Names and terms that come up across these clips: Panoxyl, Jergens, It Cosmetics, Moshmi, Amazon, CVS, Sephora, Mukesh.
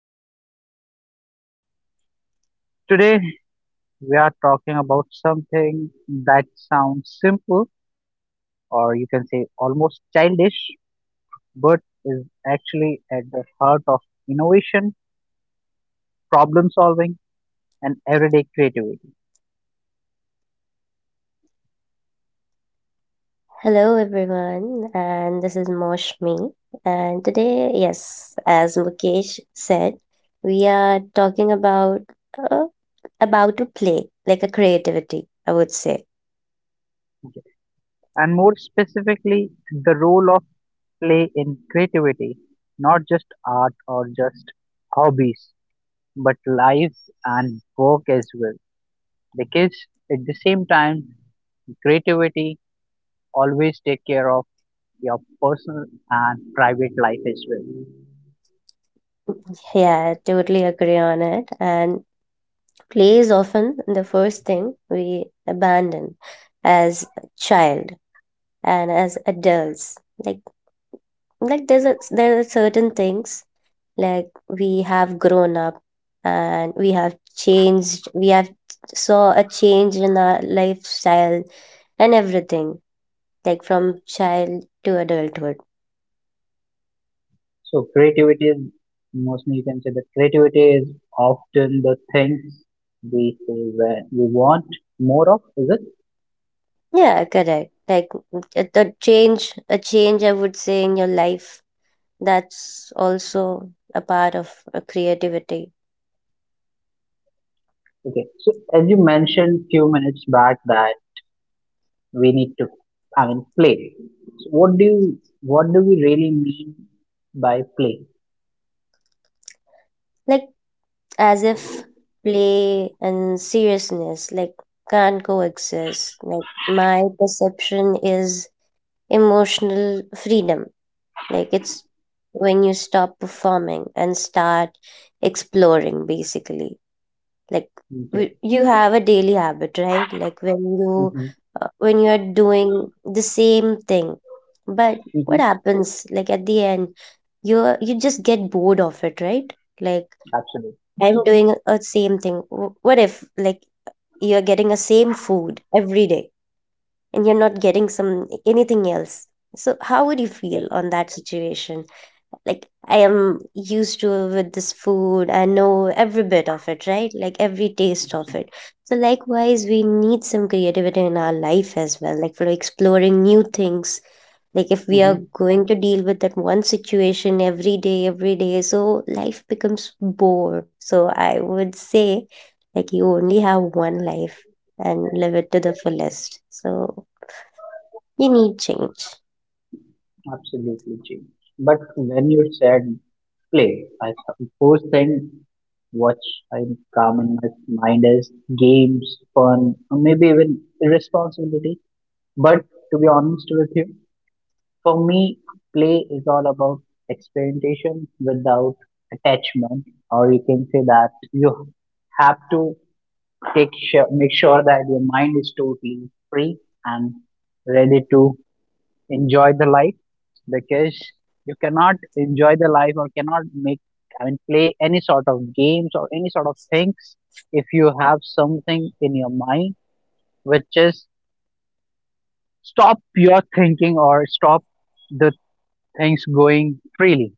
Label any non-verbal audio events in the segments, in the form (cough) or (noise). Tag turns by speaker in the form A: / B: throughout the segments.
A: And my name is Mukesh. Today, we are talking about something that sounds simple, or you can say almost childish, but is actually at the heart of innovation, problem solving, and everyday creativity.
B: Hello, everyone, and this is Moshmi. And today, yes, as Mukesh said, we are talking uh, about a play, like a creativity, I would say.
A: And more specifically, the role of play in creativity, not just art or just hobbies, but lives and work as well, because at the same time creativity always take care of your personal and private life as well.
B: Yeah, I totally agree on it. And play is often the first thing we abandon as a child and as adults. Like there's there are certain things like we have grown up and we have changed, we have saw a change in our lifestyle and everything, like from child to adulthood.
A: So creativity is mostly, you can say that creativity is often the things we say where we want more of, is it?
B: Yeah, correct. Like a change, a change, I would say, in your life. That's also a part of a creativity.
A: Okay, so as you mentioned few minutes back that we need to, play. So what do we really mean by play?
B: Like, as if play and seriousness, like, can't coexist. Like, my perception is emotional freedom. Like, it's when you stop performing and start exploring, basically. Like,
A: Okay.
B: you have a daily habit, right? Like
A: Mm-hmm.
B: when you are doing the same thing, but what
A: Mm-hmm.
B: happens? Like at the end, you just get bored of it, right? Like,
A: Absolutely.
B: I'm, mhm, doing a same thing. What if, like, you're getting a same food every day? And you're not getting some, anything else, so how would you
A: Yeah.
B: feel on that situation? Like, I am used to with this food. I know every bit of it, right? Like every taste of
A: Absolutely.
B: it. So likewise, we need some creativity in our life as well, like for exploring new things. Like if we are
A: Mm-hmm.
B: going to deal with that one situation every day, so life becomes bore. So I would say, like you only have one life and live it to the fullest. So you need change.
A: Absolutely, Jane. But when you said play, I first thing what I come in my mind is games, fun, or maybe even irresponsibility. But to be honest with you, for me, play is all about experimentation without attachment, or you can say that you have to take sure, make sure that your mind is totally free and ready to enjoy the life, because you cannot enjoy the life or cannot make, play any sort of games or any sort of things if you have something in your mind which is stop your thinking or stop the things going freely.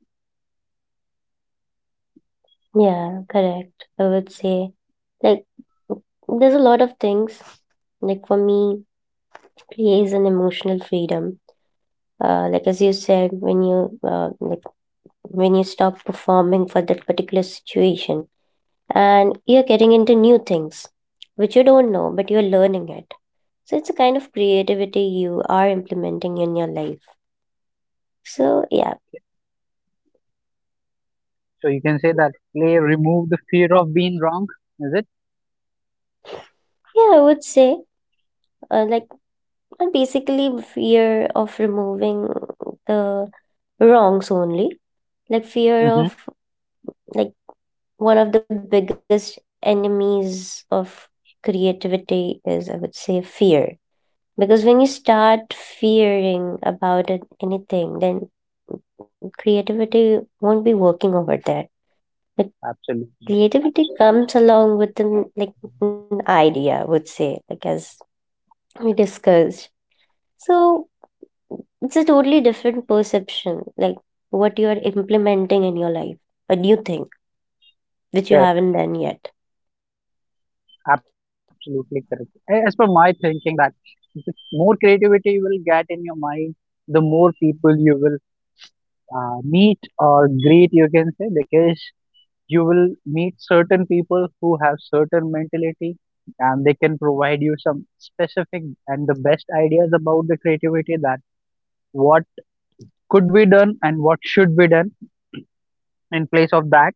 B: Yeah, correct. I would say, like, there's a lot of things. Like for me, play is an emotional freedom. Like as you said, when you, like when you stop performing for that particular situation, and you're getting into new things, which you don't know, but you're learning it. So it's a kind of creativity you are implementing in your life. So yeah,
A: So you can say that play remove the fear of being wrong, is it?
B: yeah, I would say, like, and basically fear of removing the wrongs only. Like fear
A: Mm-hmm.
B: of, like, one of the biggest enemies of creativity is, I would say, fear. Because when you start fearing about it, anything, then creativity won't be working over there. But
A: Absolutely
B: creativity comes along with an, like, an idea, I would say, like as we discussed. So it's a totally different perception, like what you are implementing in your life, a new thing which you
A: correct.
B: haven't done yet.
A: Absolutely correct. As per my thinking that the more creativity you will get in your mind, the more people you will meet or greet, you can say, because you will meet certain people who have certain mentality and they can provide you some specific and the best ideas about the creativity, that what could be done and what should be done in place of that.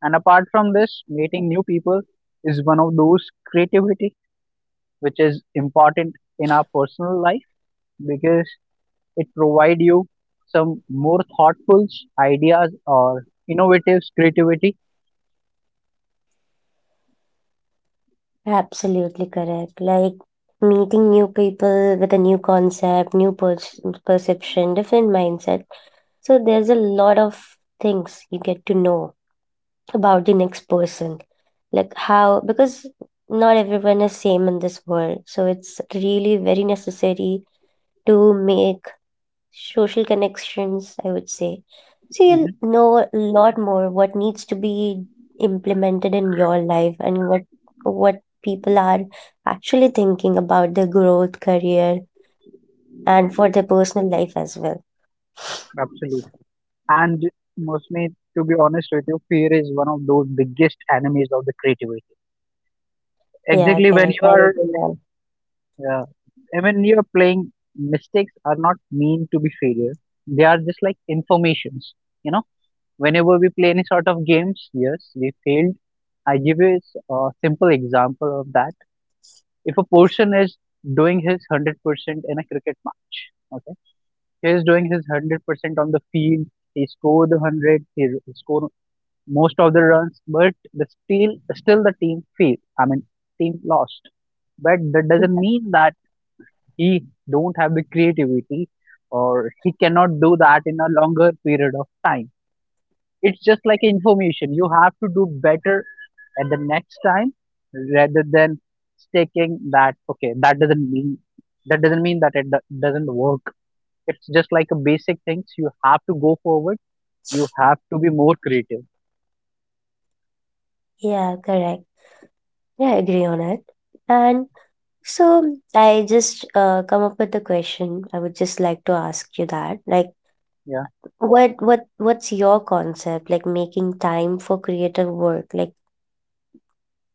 A: And apart from this, meeting new people is one of those creativity which is important in our personal life, because it provide you some more thoughtful ideas or innovative creativity.
B: Absolutely correct. Like meeting new people with a new concept, new perception, different mindset. So there's a lot of things you get to know about the next person. Like how, because not everyone is same in this world. So it's really very necessary to make social connections, I would say. So you'll know a lot more what needs to be implemented in your life and what people are actually thinking about their growth, career, and for their personal life as well.
A: Absolutely. And Musme, to be honest with you, fear is one of those biggest enemies of the creativity. Exactly
B: Yeah,
A: when you
B: correct. I
A: are,
B: agree on.
A: uh, I mean, you are playing, mistakes are not mean to be failure. They are just like informations. You know, whenever we play any sort of games, yes, we failed. I give you a a simple example of that. If a person is doing his 100% in a cricket match, okay, he is doing his 100% on the field, he scored the 100, score most of the runs, but the still the team failed. I mean, team lost. But that doesn't mean that he don't have the creativity or he cannot do that in a longer period of time. It's just like information. You have to do better at the next time rather than taking that, okay, that doesn't mean, that it doesn't work. It's just like a basic things, you have to go forward, you have to be more creative.
B: Yeah, correct. Yeah, I agree on it. And so I just come up with a question. I would just like to ask you that, like,
A: Yeah.
B: what what's your concept, like, making time for creative work? Like,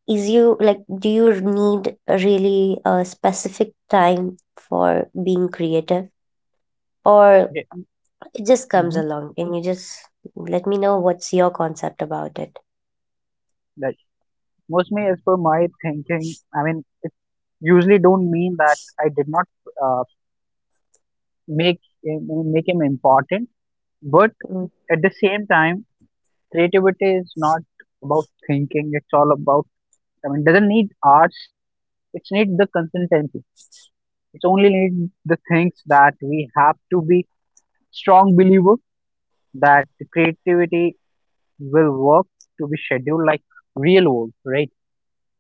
B: is you, like, do you need a really a specific time for being creative, or
A: Yeah.
B: it just comes
A: Hmm.
B: along? Can you just let me know what's your concept about it?
A: Mostly, as per my thinking, I mean, it usually don't mean that I did not uh, make him, make him important, but
B: Mm.
A: at the same time, creativity is not about thinking. It's all about, I mean, doesn't need arts. It's need the consistency. It's only need the things that we have to be strong believer that the creativity will work, to be scheduled like real world, right?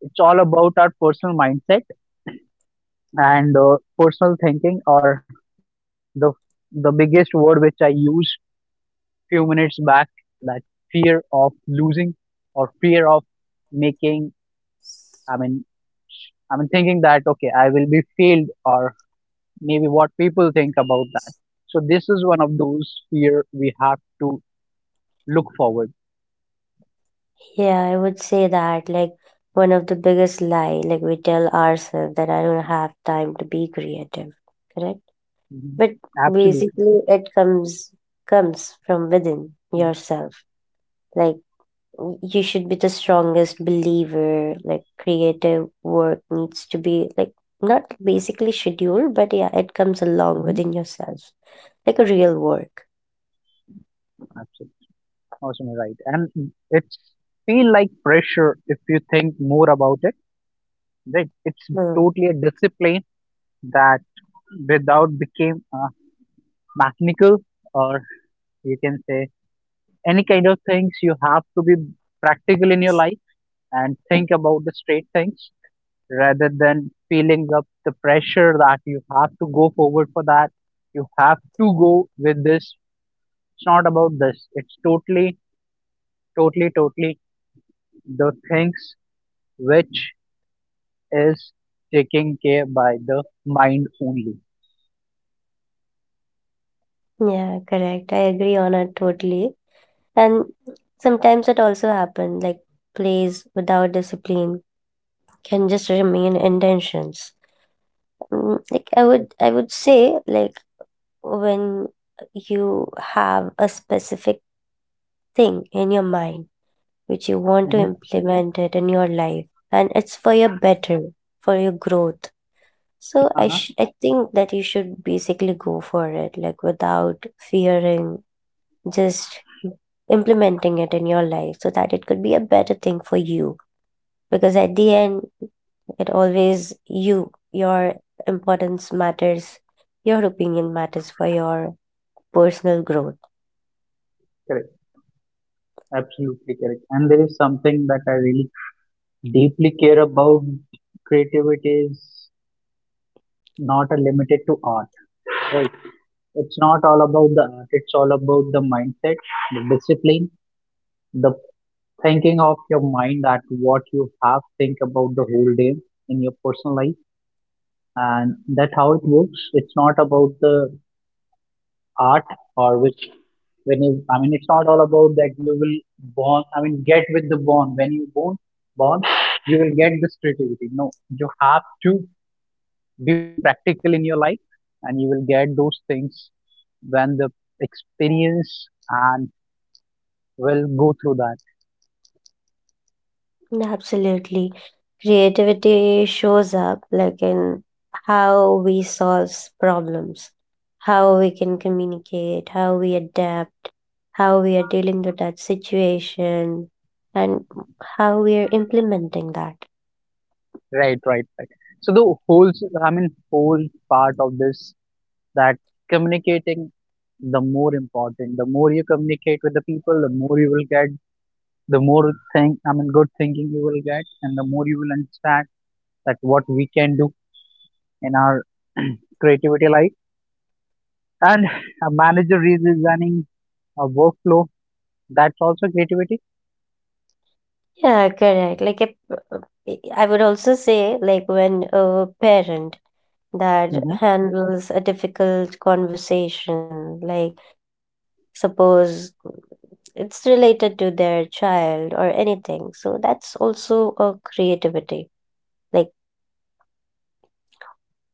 A: It's all about our personal mindset and personal thinking or the the biggest word which I used few minutes back, that fear of losing or fear of making, i mean I mean thinking that, okay, I will be failed or maybe what people think about that. So this is one of those fear we have to look forward.
B: Yeah, I would say that, like, one of the biggest lie, like, we tell ourselves that I don't have time to be creative, correct?
A: Mhm.
B: But
A: Absolutely.
B: basically it comes, comes from within yourself. Like, you should be the strongest believer, like creative work needs to be, like, not basically scheduled, but yeah, it comes
A: Mm-hmm.
B: along within yourself, like a real work.
A: Absolutely. Awesome, right? And it's feel like pressure if you think more about it, right? It's
B: Hmm.
A: totally a discipline that without became mechanical or, you can say, any kind of things you have to be practical in your life and think about the straight things rather than feeling up the pressure that you have to go forward for that, you have to go with this. It's not about this, it's totally the things which is taken care by the mind only.
B: Yeah, correct, I agree on it totally. And sometimes it also happens, like, plays without discipline can just remain intentions. Mm, like, I would say, like, when you have a specific thing in your mind which you want to
A: Mhm.
B: implement it in your life, and it's for your better, for your growth, so
A: Uh-huh.
B: I think that you should basically go for it, like without fearing, just implementing it in your life, so that it could be a better thing for you. Because at the end, it always you, your importance matters, your opinion matters for your personal growth.
A: Correct. Absolutely correct. And there is something that I really deeply care about. Creativity is not a limited to art, right? It's not all about the art. It's all about the mindset, the discipline, the thinking of your mind, that what you have think about the whole day in your personal life, and that how it works. It's not about the art or which when you, I mean, it's not all about that you will born, I mean, get with the born when you born born you will get this creativity, no, you have to be practical in your life and you will get those things when the experience and will go through that.
B: Absolutely. Creativity shows up, like, in how we solve problems, how we can communicate, how we adapt, how we are dealing with that situation, and how we are implementing that.
A: Right, right, right. So the whole, I mean, whole part of this, that communicating the more important, the more you communicate with the people the more you will get, the more thing, I mean good thinking you will get, and the more you will understand that what we can do in our (clears throat) creativity life. And a manager redesigning a workflow, that's also creativity.
B: Yeah, correct. Like a, I would also say, like, when a parent that
A: Hmm.
B: handles a difficult conversation, like, suppose it's related to their child or anything. So that's also a creativity. Like,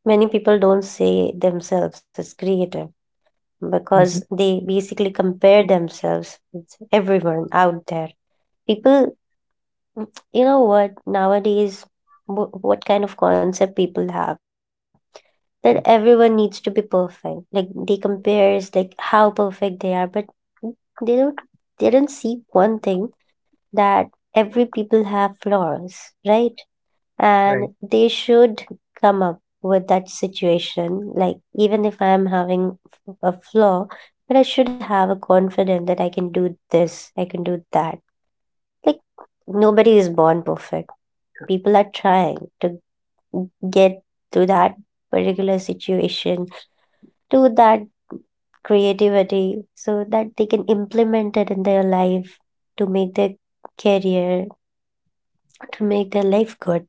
B: many people don't say themselves as creative because
A: Hmm.
B: they basically compare themselves with everyone out there. People, you know what, nowadays, what kind of concept people have that everyone needs to be perfect. Like they compares like how perfect they are, but they don't they don't see one thing, that every people have flaws, right?
A: Right.
B: And they should come up with that situation. Like, even if I'm having a flaw, but I should have a confidence that I can do this, I can do that. Like, nobody is born perfect. People are trying to get to that particular situation, to that creativity, so that they can implement it in their life to make their career, to make their life good.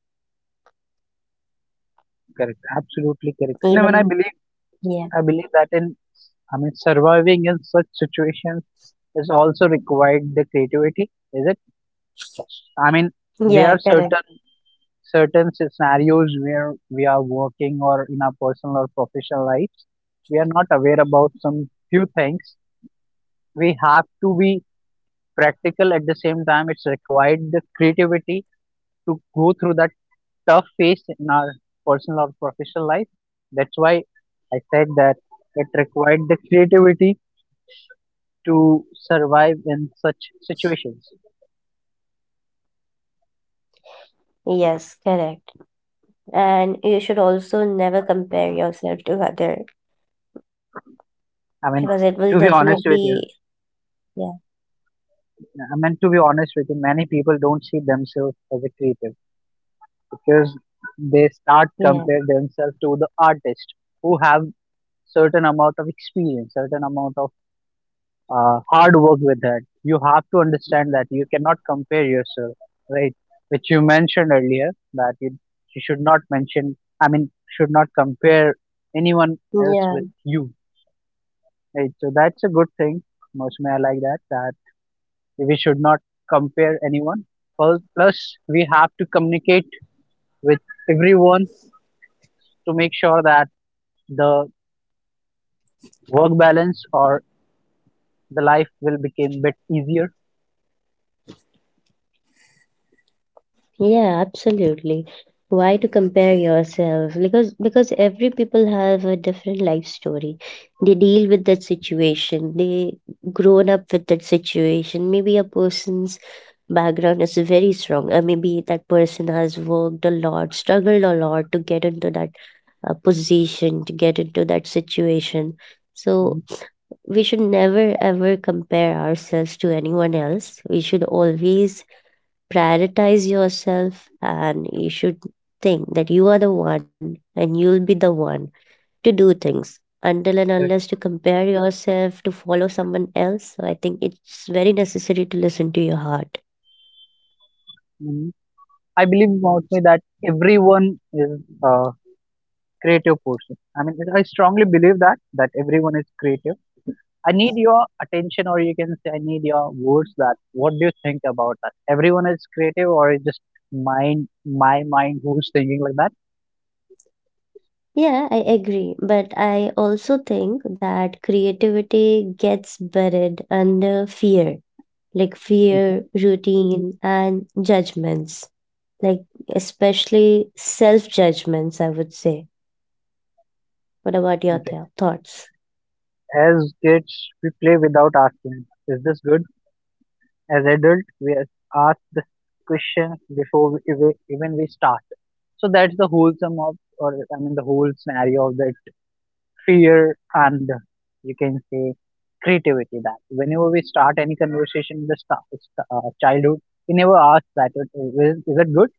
A: Correct. Absolutely correct. And when I
B: Even,
A: believe,
B: yeah,
A: I believe that in, I mean, surviving in such situations is also required the creativity, is it? I mean, there are
B: yeah, correct.
A: certain scenarios where we are working or in our personal or professional lives, we are not aware about some few things, we have to be practical. At the same time, it's required the creativity to go through that tough phase in our personal or professional life. That's why I said that it required the creativity to survive in such situations.
B: Yes, correct. And you should also never compare yourself to other,
A: i
B: because
A: mean
B: it will
A: to be honest with
B: definitely,
A: you
B: yeah,
A: I mean, to be honest with you, many people don't see themselves as a creative because they start
B: yeah,
A: compare themselves to the artist who have certain amount of experience, certain amount of hard work. With that, you have to understand that you cannot compare yourself, right, which you mentioned earlier, that you should not mention I mean should not compare anyone else
B: yeah.
A: with you, right? So that's a good thing. Mostly I like that, that we should not compare anyone. Well, plus we have to communicate with everyone to make sure that the work balance or the life will become bit easier.
B: Yeah, absolutely. Why to compare yourself? Because every people have a different life story. They deal with that situation. They grown up with that situation. Maybe a person background is very strong. Maybe that person has worked a lot, struggled a lot to get into that position, to get into that situation.
A: Hmm.
B: So we should never ever compare ourselves to anyone else. We should always prioritize yourself, and you should think that you are the one and you'll be the one to do things, until and
A: Correct.
B: unless you compare yourself to follow someone else. So I think it's very necessary to listen to your heart.
A: Hmm. I believe about me that everyone is a creative person. I mean, I strongly believe that everyone is creative. I need your attention, or you can say, I need your words, that what do you think about that? Everyone is creative, or is just mind, my mind who's thinking like that?
B: Yeah, I agree. But I also think that creativity gets buried under fear, like
A: Mhm.
B: fear, routine, and judgments, like especially self judgments, I would say. What about your
A: Okay.
B: thoughts?
A: As kids, we play without asking, is this good? As adults, we are asked the questions before we, even we start. So that's the whole sum of, or I mean, the whole scenario of that fear and, you can say, creativity. That whenever we start any conversation in the childhood, we never ask that is it good.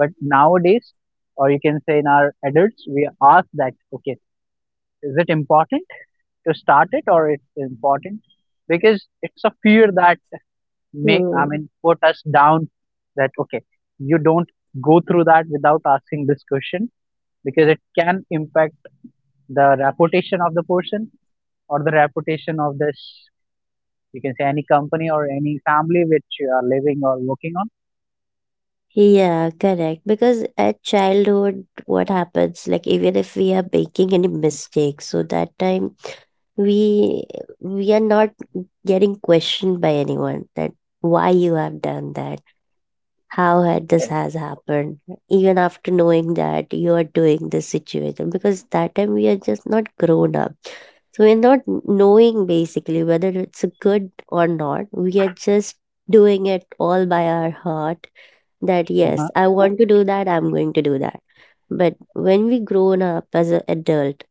A: But nowadays, or you can say in our adults, we ask that, okay, is it important to start it, or it's important, because it's a fear that make, I
B: Hmm.
A: mean, put us down, that, okay, you don't go through that without asking this question, because it can impact the reputation of the person or the reputation of this, you can say, any company or any family which you are living or working on.
B: Yeah, correct. Because at childhood, what happens, like, even if we are making any mistakes, so that time we we are not getting questioned by anyone that why you have done that, how had this
A: Correct.
B: has happened, even after knowing that you are doing this situation. Because that time we are just not grown up, so we're not knowing basically whether it's a good or not. We are just doing it all by our heart, that yes,
A: Uh-huh.
B: I want to do that, I'm going to do that. But when we grown up as an adult,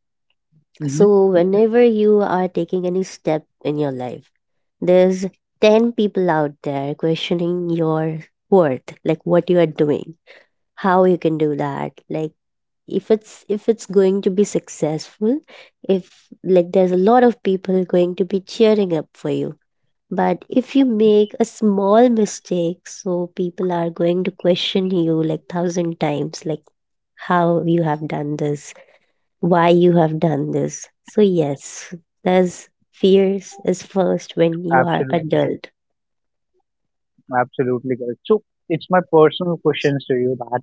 A: Hmm.
B: so, whenever you are taking any step in your life, there's 10 people out there questioning your worth, like what you are doing, how you can do that. Like, if it's going to be successful, if, like, there's a lot of people going to be cheering up for you. But if you make a small mistake, so people are going to question you like thousand times, like how you have done this, why you have done this. So yes, there's fears is first when you are
A: Absolutely.
B: adult.
A: Absolutely correct. So it's my personal questions to you, that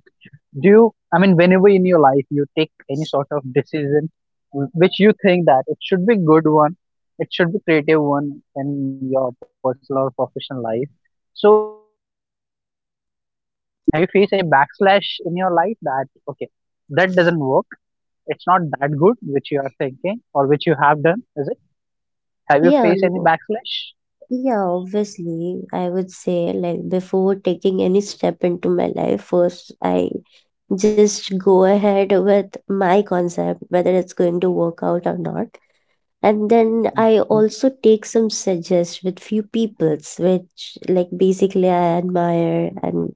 A: do you, I mean, whenever in your life you take any sort of decision, which you think that it should be good one, it should be creative one, in your personal or professional life, so have you, I mean, have you faced any backslash in your life, that, okay, that doesn't work, it's not that good which you are thinking or which you have done, is it? Have you
B: Yeah,
A: faced any backslash?
B: yeah, obviously. I would say, like, before taking any step into my life, first I just go ahead with my concept, whether it's going to work out or not. And then
A: Hmm.
B: I also take some suggest with few peoples, which, like, basically I admire, and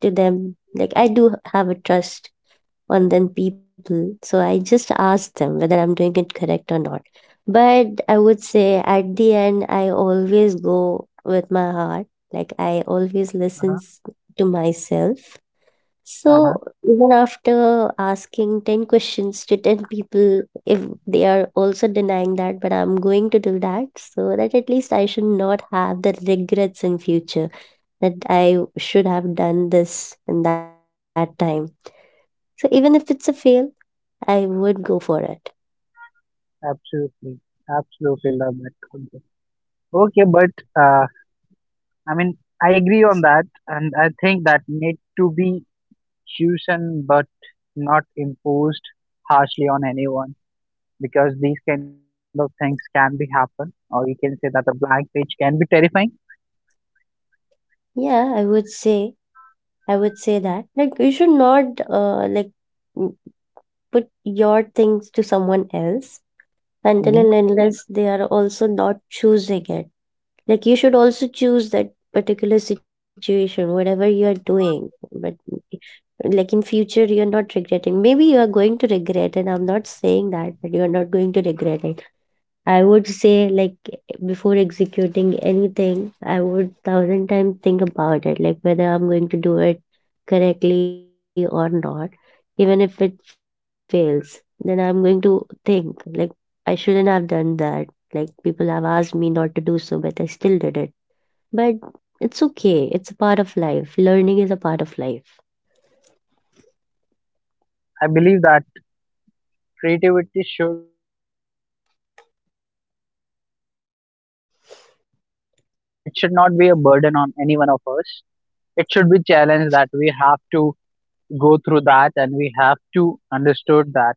B: to them, like, I do have a trust on them people. So I just ask them whether I'm doing it correct or not. But I would say at the end, I always go with my heart. Like, I always
A: Uh-huh.
B: listen to myself.
A: Uh-huh.
B: So even after asking 10 questions to 10 people, if they are also denying that, but I'm going to do that, so that at least I should not have the regrets in future that I should have done this in that time. So even if it's a fail, I would go for it.
A: Absolutely. Absolutely love that concept. Okay, but I mean, I agree on that, and I think that need to be chosen but not imposed harshly on anyone, because these kind of things can be happen, or you can say that a blank page can be terrifying.
B: Yeah, I would say, I would say that, like, you should not, uh, like, w- put your things to someone else until and
A: Hmm.
B: unless they are also not choosing it. Like, you should also choose that particular situation, whatever you are doing. But, like, in future you're not regretting. Maybe you are going to regret, and I'm not saying that, but you are not going to regret it. I would say, like, before executing anything, I would thousand times think about it, like whether I'm going to do it correctly or not. Even if it fails, then I'm going to think, like, I shouldn't have done that. Like, people have asked me not to do so, but I still did it. But it's okay, it's a part of life. Learning is a part of life.
A: I believe that creativity should turn into challenge rather than into, I mean, instant of burden, right? It should not be a burden on any one of us. It should be challenge that we have to go through that, and we have to understood that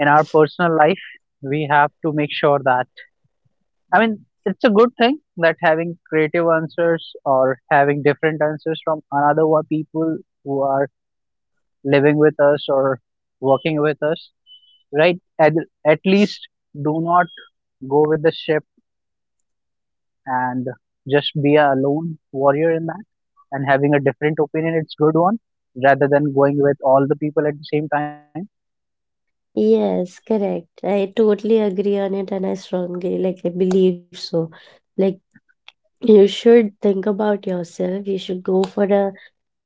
A: in our personal life, we have to make sure that, it's a good thing that having creative answers or having different answers from people who are living with us or working with us, right? At least do not go with the ship and just be a lone warrior in that, and having a different opinion it's good one rather than going with all the people at the same time.
B: Yes, correct. I totally agree on it and I strongly, like, I believe so. Like, you should think about yourself. You should go for a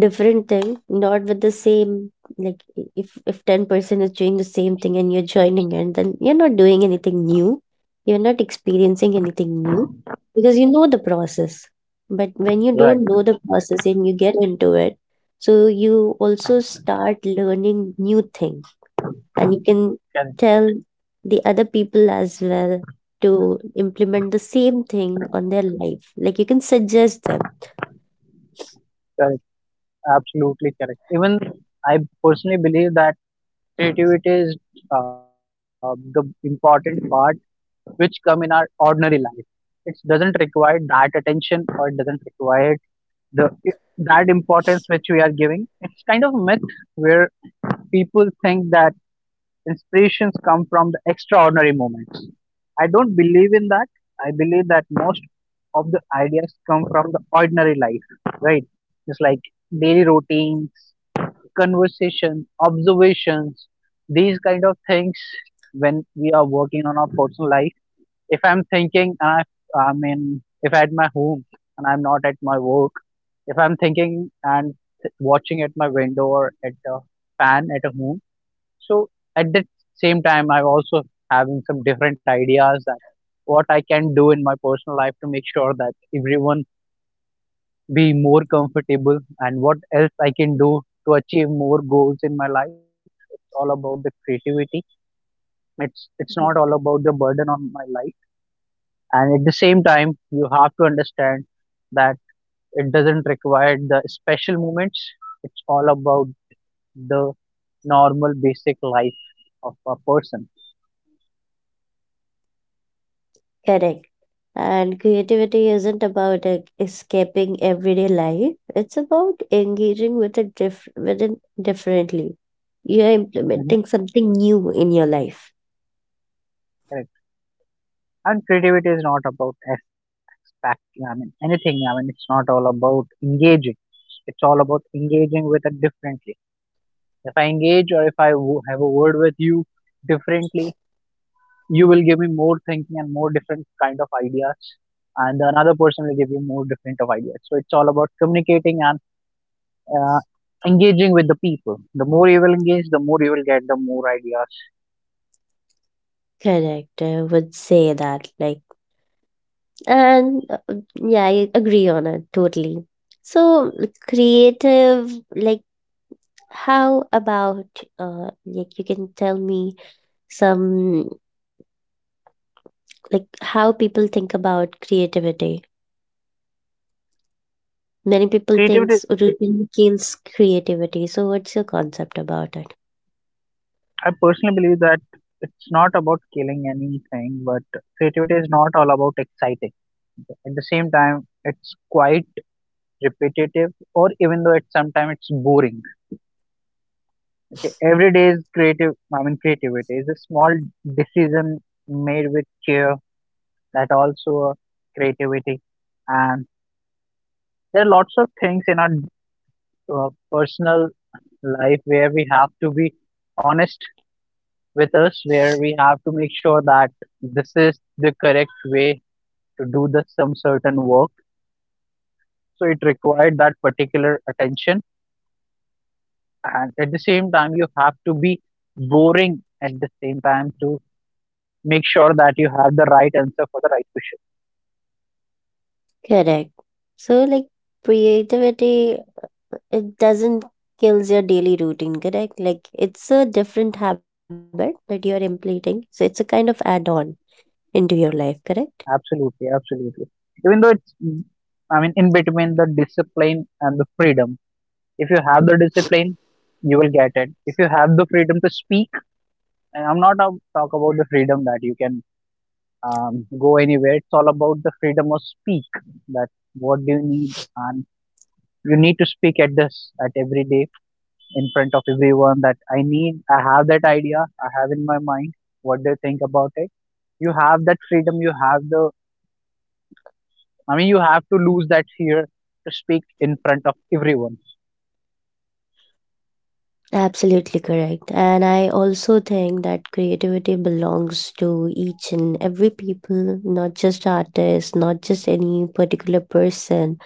B: different thing, not with the same. Like if 10 person is doing the same thing and you're joining in, then you're not doing anything new. You're not experiencing anything new, because you know the process. But when you
A: Right.
B: don't know the process and you get into it, so you also start learning new things, and you can
A: Correct.
B: tell the other people as well to implement the same thing on their life. Like, you can suggest them.
A: Correct, absolutely correct. Even I personally believe that creativity is the important part which come in our ordinary life. It doesn't require that attention, or it doesn't require the it- that importance which we are giving. It's kind of a myth where people think that inspirations come from the extraordinary moments. I don't believe in that. I believe that most of the ideas come from the ordinary life, right? Just like daily routines, conversation, observations, these kind of things when we are working on our personal life. If I'm thinking, and if at my home and I'm not at my work, if I'm thinking and watching at my window or at a fan at a home, so at the same time, I'm also having some different ideas that what I can do in my personal life to make sure that everyone be more comfortable, and what else I can do to achieve more goals in my life. It's all about the creativity. It's not all about the burden on my life. And at the same time, you have to understand that it doesn't require the special moments. It's all about the normal basic life of a person.
B: Correct. And creativity isn't about escaping everyday life. It's about engaging with it with it differently. You're
A: Hmm.
B: implementing something new in your life.
A: Correct. And creativity is not about expect. I mean anything. I mean it's not all about engaging. It's all about engaging with it differently. If I engage, or if I have a word with you differently, you will give me more thinking and more different kind of ideas, and another person will give you more different of ideas. So it's all about communicating and uh, engaging with the people. The more you will engage, the more you will get the more ideas.
B: Correct. I would say that. Like, and yeah, I agree on it totally. So like, creative, like, how about like, you can tell me some, like, how people think about creativity? Many people
A: Creativity,
B: thinks routine kills creativity. So what's your concept about it?
A: I personally believe that it's not about killing anything, but creativity is not all about exciting. At the same time, it's quite repetitive, or even though it's sometimes it's boring. Okay, every day's creative, I mean, creativity is a small decision made with care, that also a creativity. And there are lots of things in our personal life where we have to be honest with us, where we have to make sure that this is the correct way to do the some certain work. So it required that particular attention, and at the same time, you have to be boring at the same time too, make sure that you have the right answer for the right question.
B: Correct. So like, creativity, it doesn't kills your daily routine, correct? Like, it's a different habit that you're implementing. So it's a kind of add-on into your life, correct?
A: Absolutely, absolutely. Even though it's, I mean, in between the discipline and the freedom. If you have the discipline, you will get it. If you have the freedom to speak, and I'm not talk about the freedom that you can go anywhere. It's all about the freedom of speak. That what do you need, and you need to speak at this at every day in front of everyone. That I need. I have that idea. I have in my mind. What do you think about it? You have that freedom, you have the, I mean, you have to lose that fear to speak in front of everyone.
B: Absolutely correct. And I also think that creativity belongs to each and every people, not just artists, not just any particular person.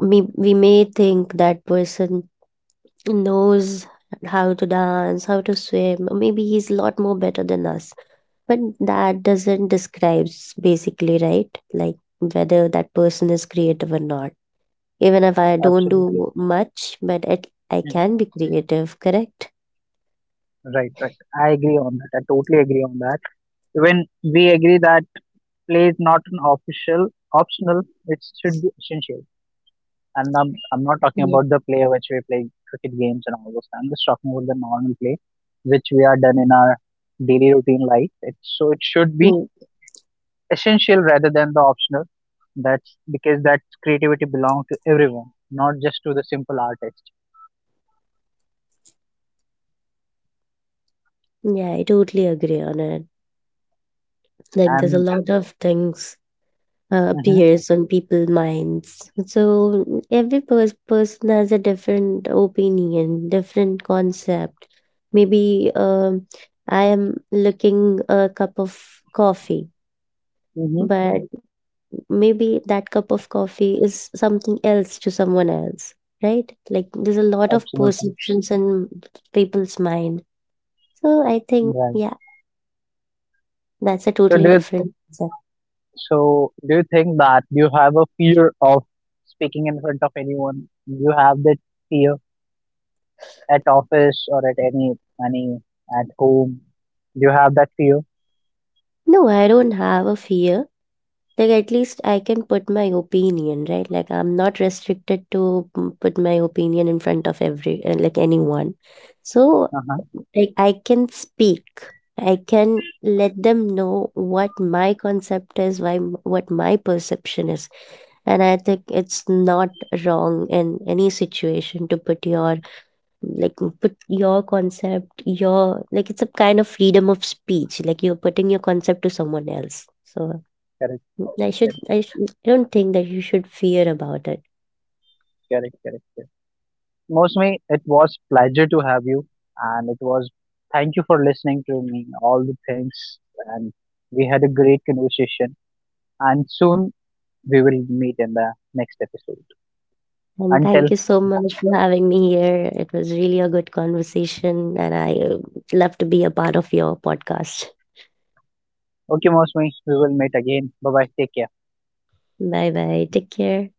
B: We may think that person knows how to dance, how to swim, or maybe he's a lot more better than us. But that doesn't describes basically, right? Like, whether that person is creative or not. Even if I don't
A: Absolutely.
B: do much, but it, I
A: Hmm.
B: can be creative, correct?
A: Right, right, I agree on that, I totally agree on that. When we agree that play is not an official optional, it should be essential. And I'm not talking
B: Yes.
A: about the play which we play cricket games and all those, I'm just talking about the normal play which we are done in our daily routine life it, so it should be essential rather than the optional. That's because that creativity belongs to everyone, not just to the simple artist.
B: Yeah, I totally agree on it. Like, there's a
A: And
B: lot of things
A: mhm,
B: appears on people's minds. So every person has a different opinion, different concept. Maybe I am looking a cup of coffee,
A: mhm,
B: but maybe that cup of coffee is something else to someone else, right? Like, there's a lot of
A: absolutely
B: perceptions in people's mind. So I think,
A: right.
B: yeah, that's a
A: So do
B: totally
A: you,
B: different.
A: so do you think that you have a fear of speaking in front of anyone? Do you have that fear at office or at any at home? Do you have that fear?
B: No, I don't have a fear. Like, at least I can put my opinion, right? Like, I'm not restricted to put my opinion in front of every, like, anyone. So,
A: Uh huh.
B: like, I can speak. I can let them know what my concept is, why, what my perception is. And I think it's not wrong in any situation to put your, like, put your concept, your, like, it's a kind of freedom of speech. Like, you're putting your concept to someone else. So,
A: Correct. Correct.
B: I don't think that you should fear about it.
A: Correct. Correct. Mostly, it was pleasure to have you, and it was, thank you for listening to me all the things, and we had a great conversation. And soon we will meet in the next episode.
B: And
A: Until
B: thank you so much for having me here. It was really a good conversation, and I love to be a part of your podcast.
A: okay, mostly, we will meet again. Bye bye. Take care.
B: Bye bye, take care.